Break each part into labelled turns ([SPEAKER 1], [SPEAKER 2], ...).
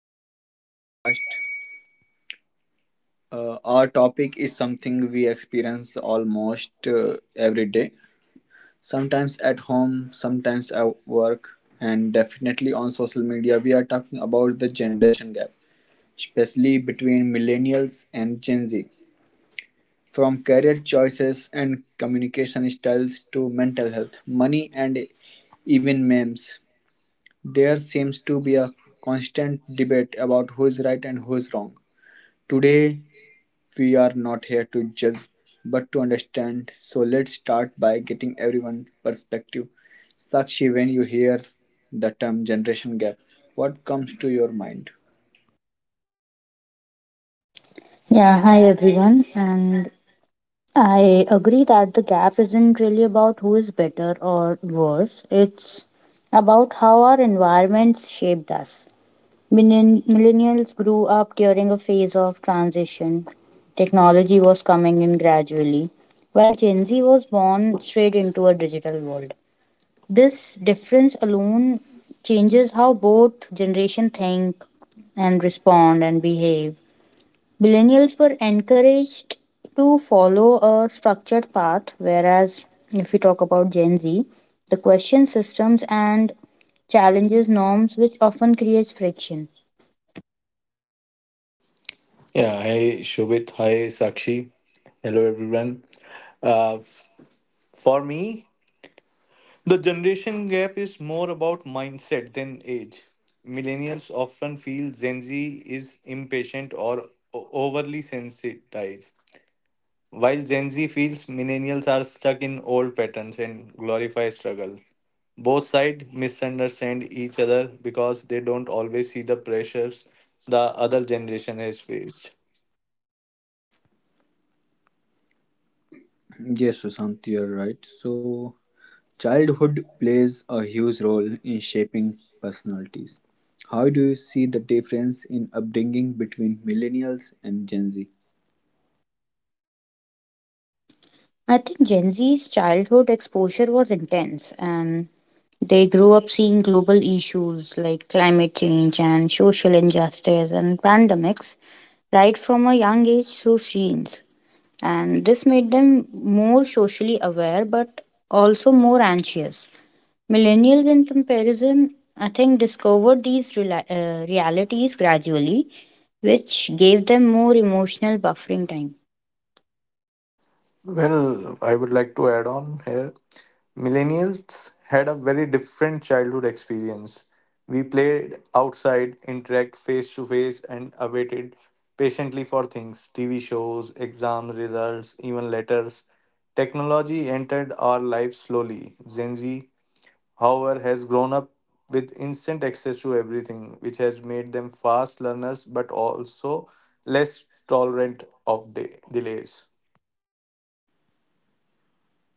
[SPEAKER 1] to today's podcast. Our topic is something we experience almost every day, sometimes at home, sometimes at work, and definitely on social media. We are talking about the generation gap, especially between millennials and Gen Z. From career choices and communication styles to mental health, money, and even memes, there seems to be a constant debate about who's right and who's wrong. Today, we are not here to judge but to understand. So, let's start by getting everyone's perspective. Sakshi, when you hear the term generation gap, what comes to your mind?
[SPEAKER 2] Yeah, hi everyone. And I agree that the gap isn't really about who is better or worse. It's about how our environments shaped us. Millennials grew up during a phase of transition. Technology was coming in gradually, while Gen Z was born straight into a digital world. This difference alone changes how both generation think and respond and behave. Millennials were encouraged to follow a structured path, whereas if we talk about Gen Z, the question systems and challenges norms, which often creates friction.
[SPEAKER 1] Yes, Sushant, you're right. So, childhood plays a huge role in shaping personalities. How do you see the difference in upbringing between millennials and Gen Z?
[SPEAKER 2] I think Gen Z's childhood exposure was intense, and they grew up seeing global issues like climate change and social injustice and pandemics right from a young age through screens. And this made them more socially aware but also more anxious. Millennials, in comparison, I think, discovered these realities gradually, which gave them more emotional buffering time.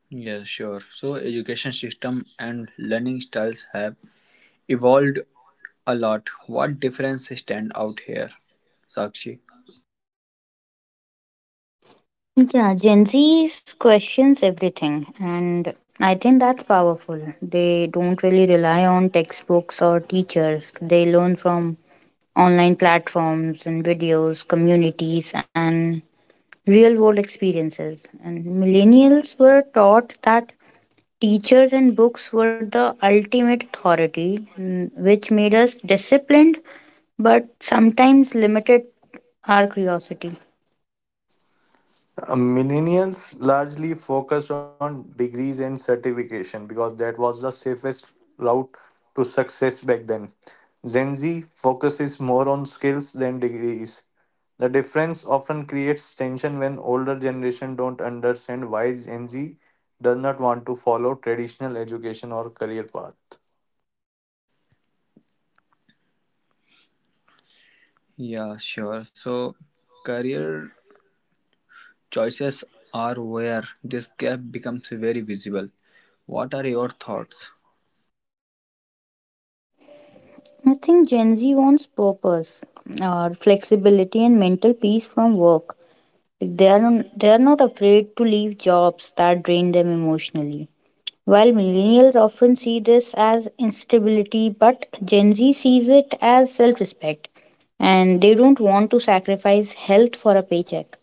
[SPEAKER 1] Yeah, sure. So education system and learning styles have evolved a lot. What difference stand out here, Sakshi?
[SPEAKER 2] Yeah, Gen Z questions everything, and I think that's powerful. They don't really rely on textbooks or teachers, they learn from online platforms and videos, communities, and real world experiences. And millennials were taught that teachers and books were the ultimate authority, which made us disciplined but sometimes limited our curiosity.
[SPEAKER 1] Yeah, sure. So career choices are where this gap becomes very visible. What are your thoughts?
[SPEAKER 2] I think Gen Z wants purpose, or flexibility, and mental peace from work. Like, they are not afraid to leave jobs that drain them emotionally. While millennials often see this as instability, but Gen Z sees it as self-respect, and they don't want to sacrifice health for a paycheck.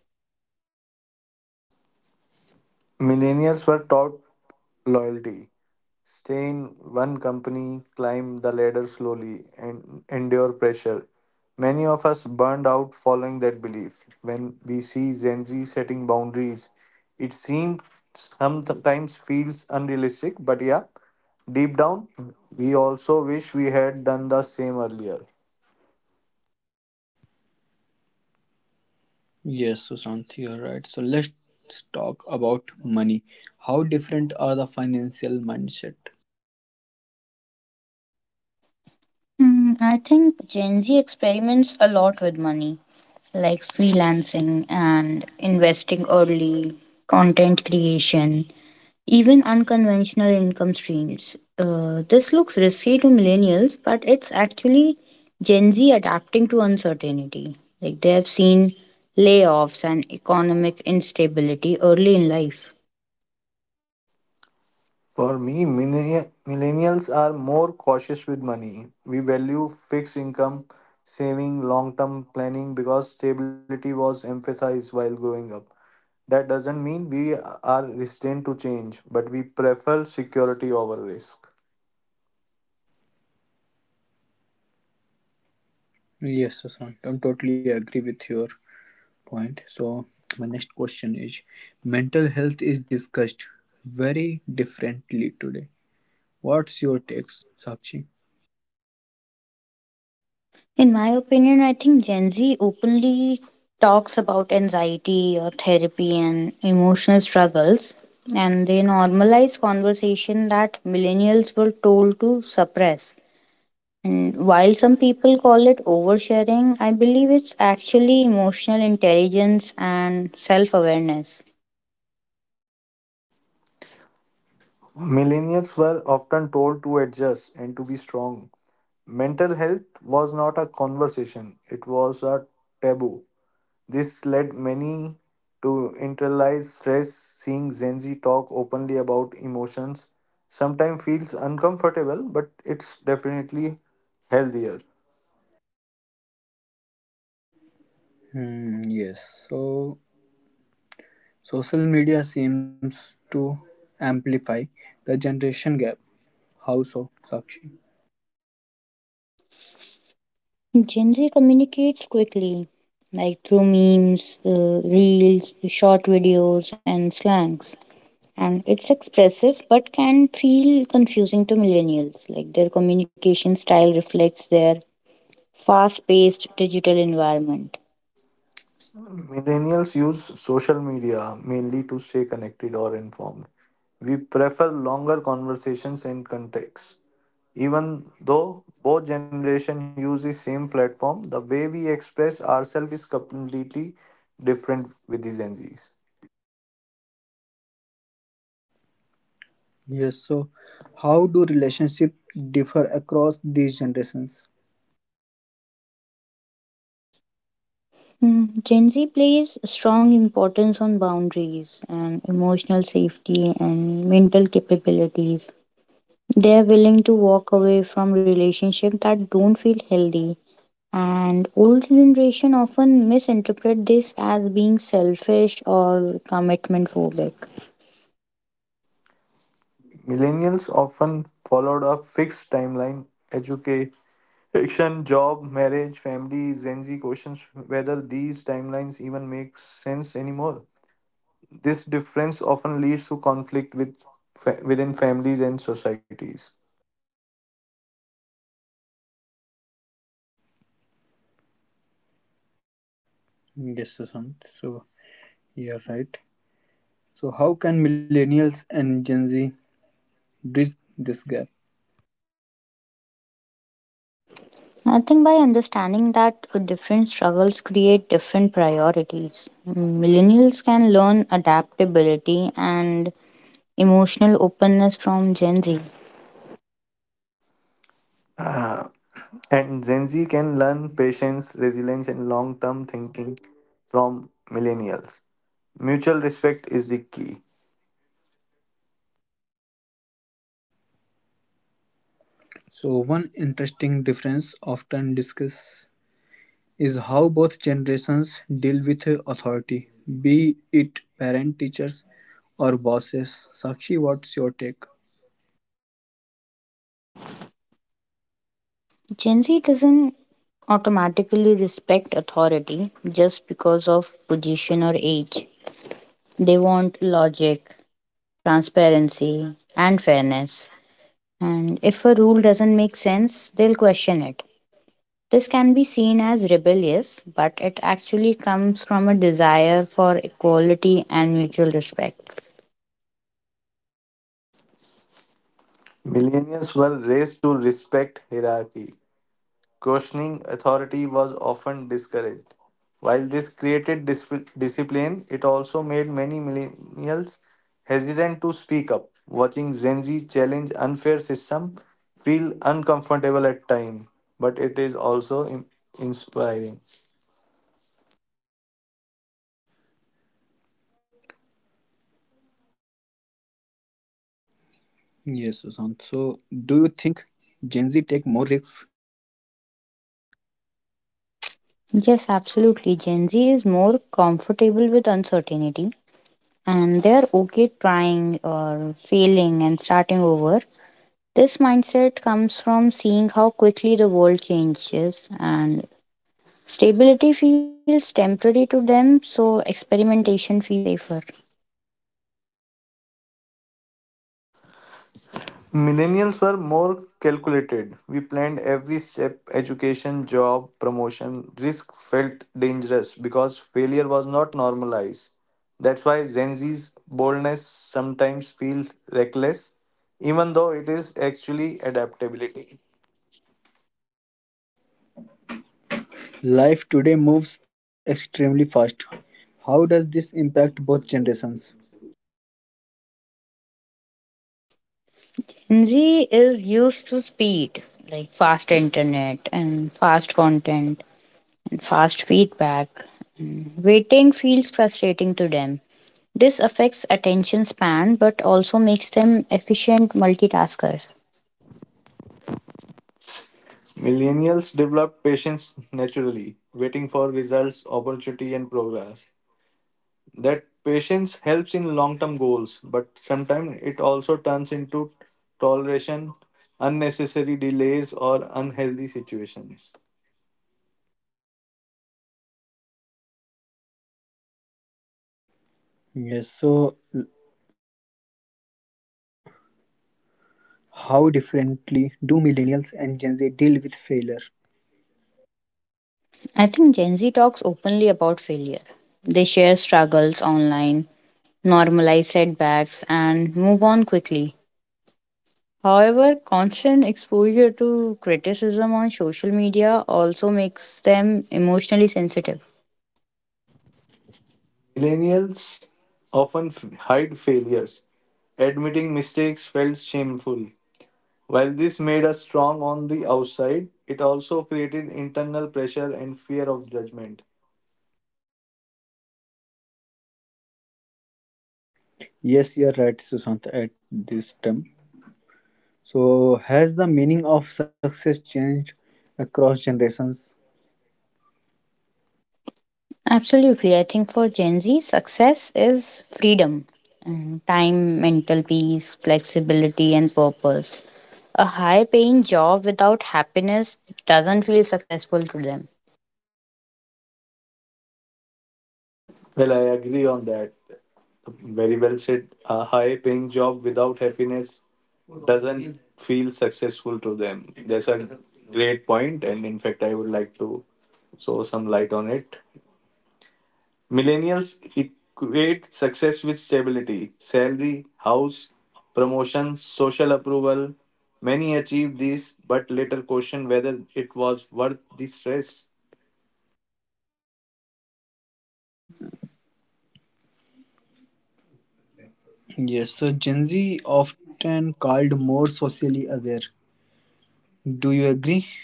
[SPEAKER 1] Yes, Sushant, you're right. So let's talk about money. How different are the financial mindset?
[SPEAKER 2] Hmm, I think Gen Z experiments a lot with money, like freelancing and investing early, content creation, even unconventional income streams. This looks risky to millennials, but it's actually Gen Z adapting to uncertainty. Like they have seen layoffs and economic instability early in life.
[SPEAKER 1] Yes, Sushant, I am totally agree with your point. So, my next question is mental health is discussed very differently today. What's your takes, Sakshi?
[SPEAKER 2] In my opinion, I think Gen Z openly talks about anxiety or therapy and emotional struggles, and they normalize conversation that millennials were told to suppress. And while some people call it oversharing, I believe it's actually emotional intelligence and self awareness.
[SPEAKER 1] Hmm, yes. So, social media seems to amplify the generation gap. How so, Sakshi?
[SPEAKER 2] Gen Z communicates quickly, like through memes, reels, short videos, and slangs. And it's expressive but can feel confusing to millennials. Like their communication style reflects their fast paced digital environment.
[SPEAKER 1] Yes. So, how do relationships differ across these generations?
[SPEAKER 2] Gen Z plays strong importance on boundaries and emotional safety and mental capabilities. They're willing to walk away from relationships that don't feel healthy. And old generation often misinterpret this as being selfish or commitment phobic.
[SPEAKER 1] Yes, Sushant. So, you're right. So, how can millennials and Gen Z bridge this gap?
[SPEAKER 2] I think by understanding that different struggles create different priorities, millennials can learn adaptability and emotional openness from Gen Z.
[SPEAKER 1] So one interesting difference often discussed is how both generations deal with authority, be it parent, teachers, or bosses. Sakshi, what's your take?
[SPEAKER 2] Gen Z doesn't automatically respect authority just because of position or age. They want logic, transparency, and fairness. And if a rule doesn't make sense, they'll question it. This can be seen as rebellious, but it actually comes from a desire for equality and mutual respect.
[SPEAKER 1] Yes, Sushant. So, do you think Gen Z take more risks?
[SPEAKER 2] Yes, absolutely. Gen Z is more comfortable with uncertainty, and they're okay trying or failing and starting over. This mindset comes from seeing how quickly the world changes, and stability feels temporary to them, so experimentation feels safer.
[SPEAKER 1] Life today moves extremely fast. How does this impact both generations?
[SPEAKER 2] Gen Z is used to speed, like fast internet and fast content and fast feedback. And waiting feels frustrating to them. This affects attention span but also makes them efficient multitaskers.
[SPEAKER 1] Yes, so how differently do millennials and Gen Z deal with failure?
[SPEAKER 2] I think Gen Z talks openly about failure. They share struggles online, normalize setbacks, and move on quickly. However, constant exposure to criticism on social media also makes them emotionally sensitive.
[SPEAKER 1] Yes, you're right, Sushant, at this term. So, has the meaning of success changed across generations?
[SPEAKER 2] Absolutely. I think for Gen Z, success is freedom, time, mental peace, flexibility, and purpose. A high paying job without happiness doesn't feel successful to them.
[SPEAKER 1] Yes, so Gen Z often called more socially aware. Do you agree?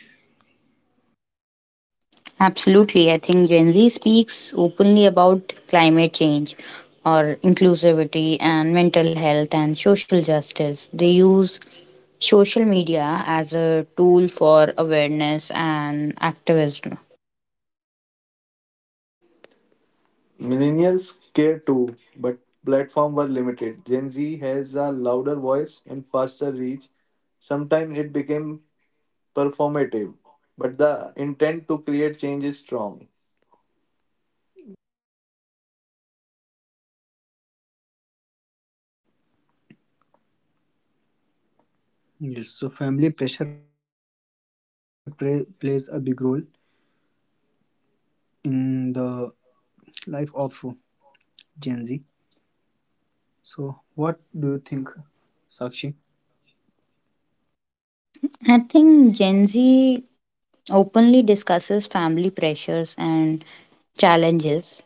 [SPEAKER 2] Absolutely. I think Gen Z speaks openly about climate change or inclusivity and mental health and social justice. They use social media as a tool for awareness and activism.
[SPEAKER 1] Yes, so family pressure play, plays a big role in the life of Gen Z. So, what do you think, Sakshi?
[SPEAKER 2] I think Gen Z openly discusses family pressures and challenges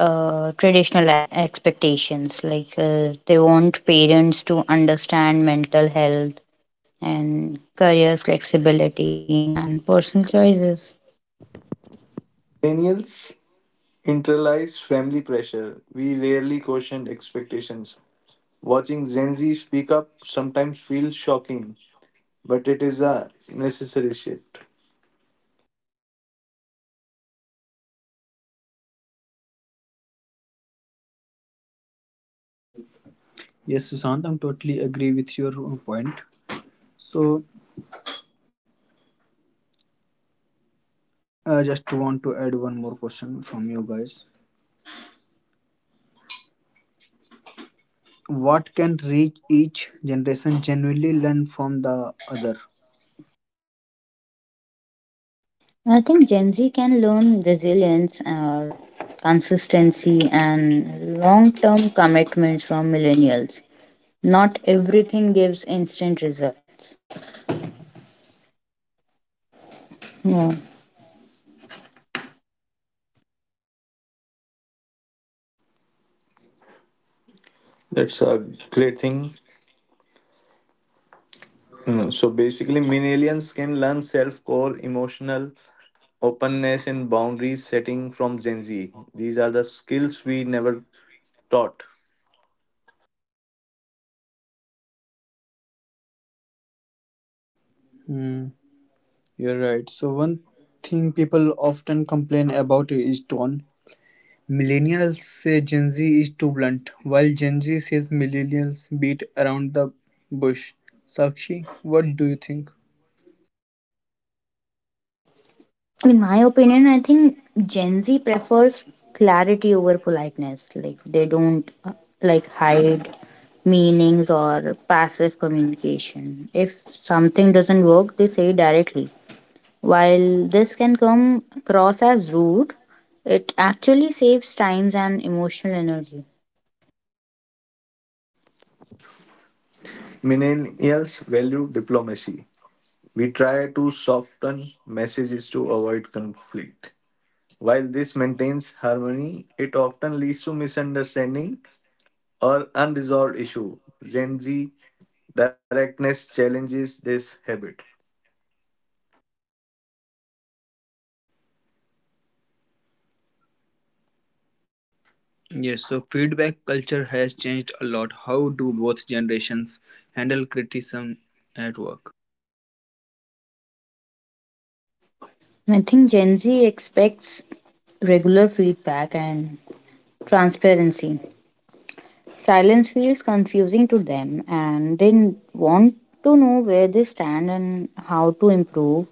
[SPEAKER 2] traditional expectations, like they want parents to understand mental health and career flexibility and personal choices.
[SPEAKER 1] Yes, Sushant, I'm totally agree with your point. So, I just want to add one more question from you guys. What can reach each generation genuinely learn from the other?
[SPEAKER 2] I think Gen Z can learn resilience, consistency and long-term commitments from millennials. Not everything gives instant results, yeah.
[SPEAKER 1] Hmm, you're right. So one thing people often complain about is tone. Millennials say Gen Z is too blunt, while Gen Z says millennials beat around the bush. Sakshi, what do you think?
[SPEAKER 2] In my opinion, I think Gen Z prefers clarity over politeness. Like, they don't, like, hide meanings or passive communication. If something doesn't work, they say directly. While this can come across as rude, it actually saves times and emotional energy.
[SPEAKER 1] Yes, so feedback culture has changed a lot. How do both generations handle criticism?
[SPEAKER 2] I think Gen Z expects regular feedback and transparency. Silence feels confusing to them, and they want to know where they stand and how to improve,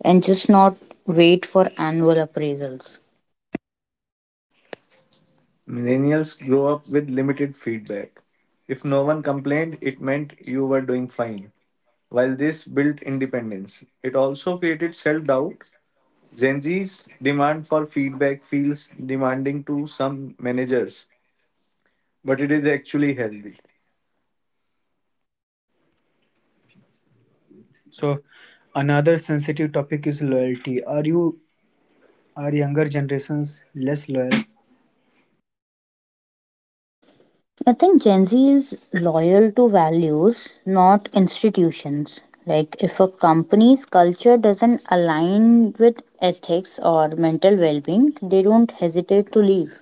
[SPEAKER 2] and just not wait for annual appraisals.
[SPEAKER 1] So another sensitive topic is loyalty. Are younger generations less loyal?
[SPEAKER 2] I think Gen Z is loyal to values, not institutions. Like, if a company's culture doesn't align with ethics or mental well being, they don't hesitate to leave.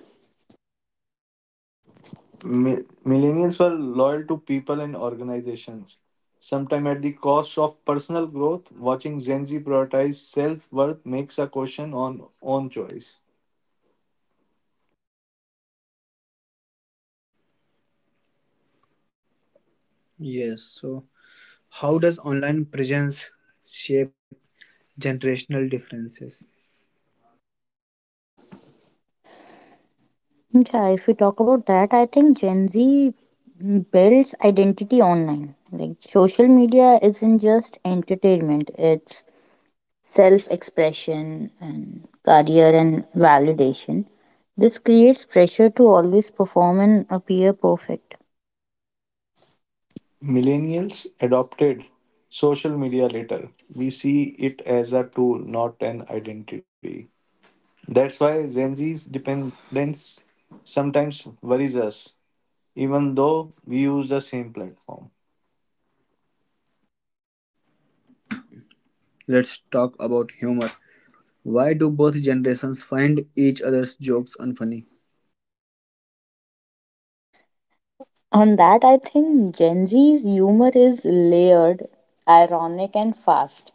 [SPEAKER 1] Yes. So, how does online presence shape generational differences?
[SPEAKER 2] Yeah, if we talk about that, I think Gen Z builds identity online. Like, social media isn't just entertainment, it's self expression and career and validation. This creates pressure to always perform and appear perfect.
[SPEAKER 1] Let's talk about humor. Why do both generations find each other's jokes unfunny?
[SPEAKER 2] On that, I think Gen Z's humor is layered, ironic, and fast.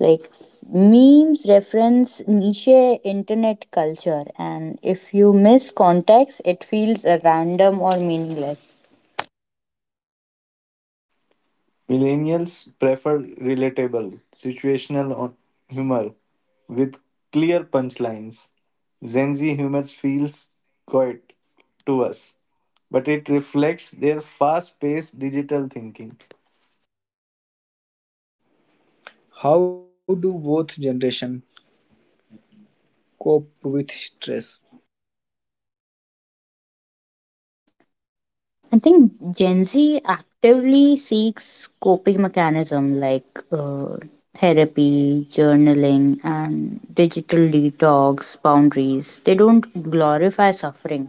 [SPEAKER 2] Like, memes reference niche internet culture, and if you miss context it feels random or meaningless.
[SPEAKER 1] How do both generations cope with stress?
[SPEAKER 2] I think Gen Z actively seeks coping mechanism, like therapy, journaling, and digital detox boundaries. They don't glorify suffering.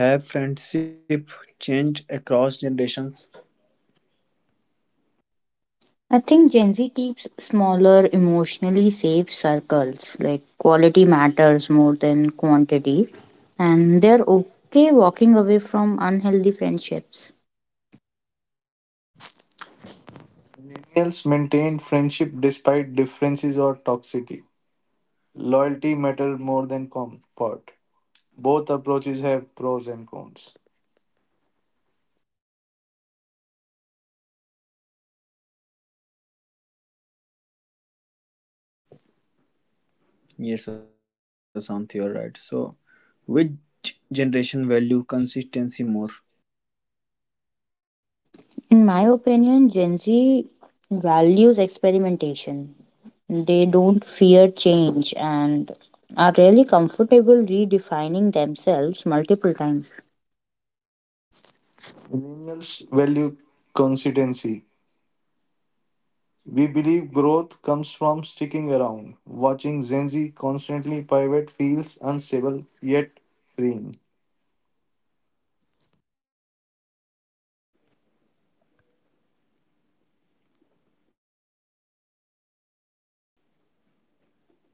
[SPEAKER 1] Have friendship changed across generations?
[SPEAKER 2] I think Gen Z keeps smaller, emotionally safe circles. Like, quality matters more than quantity, and they're okay walking away from unhealthy friendships.
[SPEAKER 1] Yes, Asante, you're right. So, which generation value consistency more?
[SPEAKER 2] In my opinion, Gen Z values experimentation. They don't fear change and are really comfortable redefining themselves multiple times.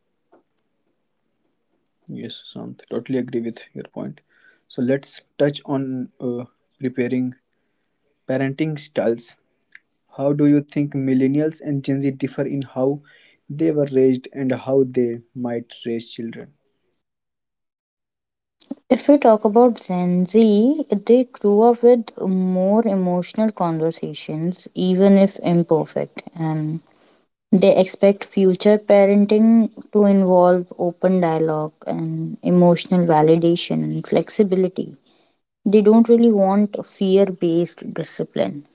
[SPEAKER 1] Yes, Sushant, totally agree with your point. So let's touch on preparing parenting styles. How do you think millennials and Gen Z differ in how they were raised and how they might raise children?
[SPEAKER 2] If we talk about Gen Z, they grew up with more emotional conversations, even if imperfect, and they expect future parenting to involve open dialogue and emotional validation and flexibility. They don't really want fear based discipline.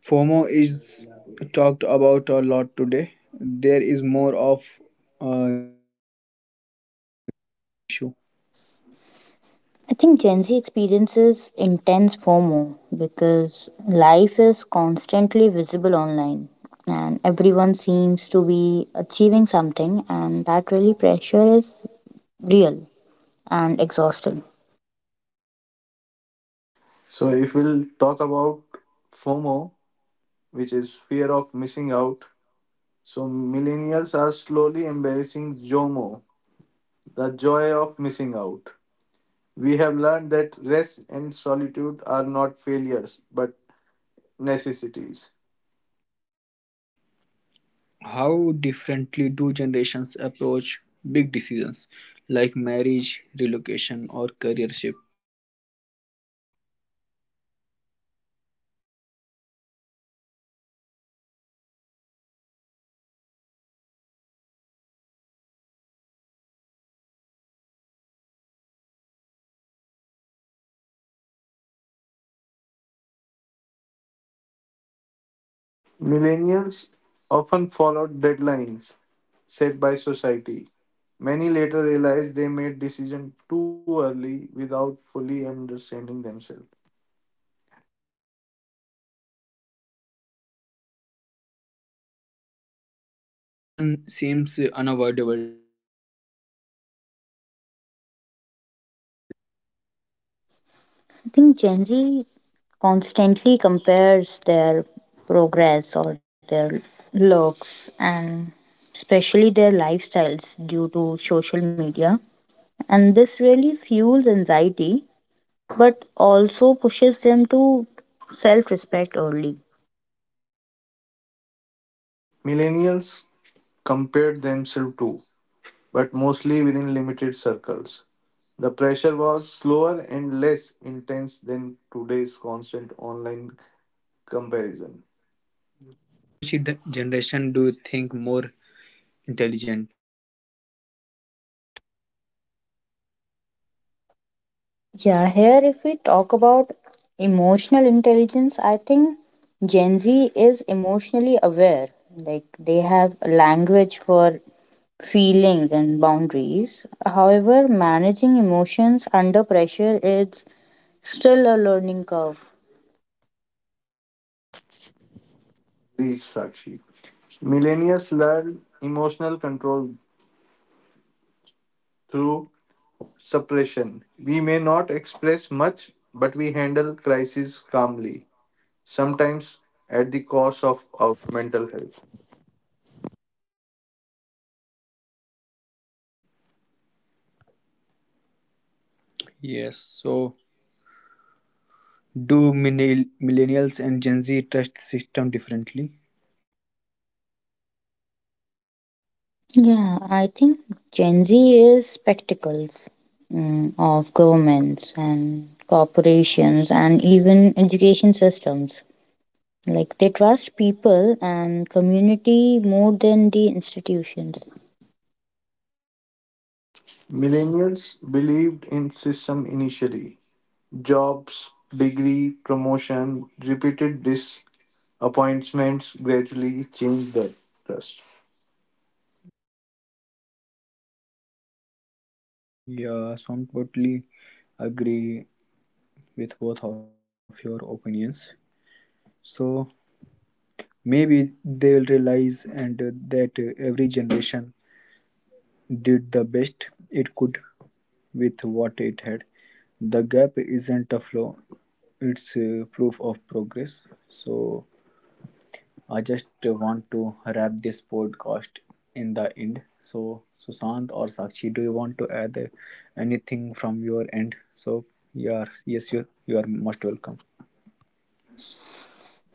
[SPEAKER 1] FOMO is talked about a lot today. There is more of a Gen Z issue.
[SPEAKER 2] I think Gen Z experiences intense FOMO because life is constantly visible online, and everyone seems to be achieving something, and that really pressure is real and exhausting.
[SPEAKER 1] How differently do generations approach big decisions like marriage, relocation, or career shift? Yes. So comparison seems unavoidable today. How does it affect both generations, Sakshi?
[SPEAKER 2] I think Gen Z constantly compares their progress or their looks and especially their lifestyles due to social media, and this really fuels anxiety but also pushes them to self respect early.
[SPEAKER 1] Comparison. Yeah, so which generation do you think more?
[SPEAKER 2] Yeah, here if we talk about emotional intelligence, I think Gen Z is emotionally aware. Like, they have a language for feelings and boundaries. However, managing emotions under pressure is still a learning curve.
[SPEAKER 1] Yes, so do millennials and Gen Z trust system differently?
[SPEAKER 2] Yeah, I think Gen Z is spectacles of governments and corporations and even education systems. Like, they trust people and community more than the institutions.
[SPEAKER 1] Yeah, so I'm totally agree with both of your opinions. So maybe they will realize and that every generation did the best it could with what it had. The gap isn't a flaw, it's proof of progress. So, I just want to wrap this podcast in the end. So, Sushant or Sakshi, do you want to add anything from your end? So, yeah, yes, you are most welcome.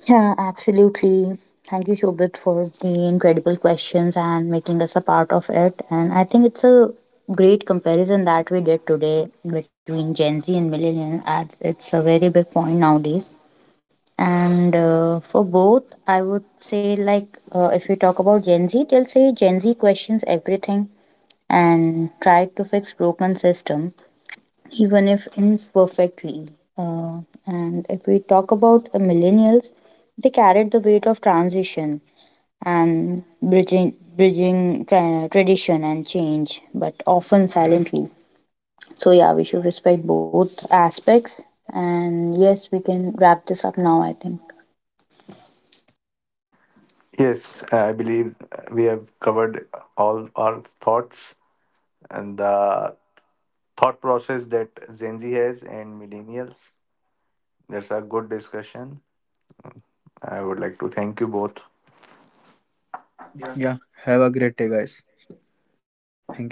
[SPEAKER 2] Yeah, absolutely. Thank you, Shobit, for the incredible questions and making us a part of it. And I think it's a great comparison that we did today between Gen Z and millennial. As it's a very big point nowadays. And for both, I would say, like, if we talk about Gen Z, they'll say Gen Z questions everything and try to fix broken system, even if imperfectly. And if we talk about the millennials, they carried the weight of transition and bridging tradition and change, but often silently. So yeah, we should respect both aspects. And yes, we can wrap this up now, I think.
[SPEAKER 1] Yeah, have a great day, guys. Thank you so much.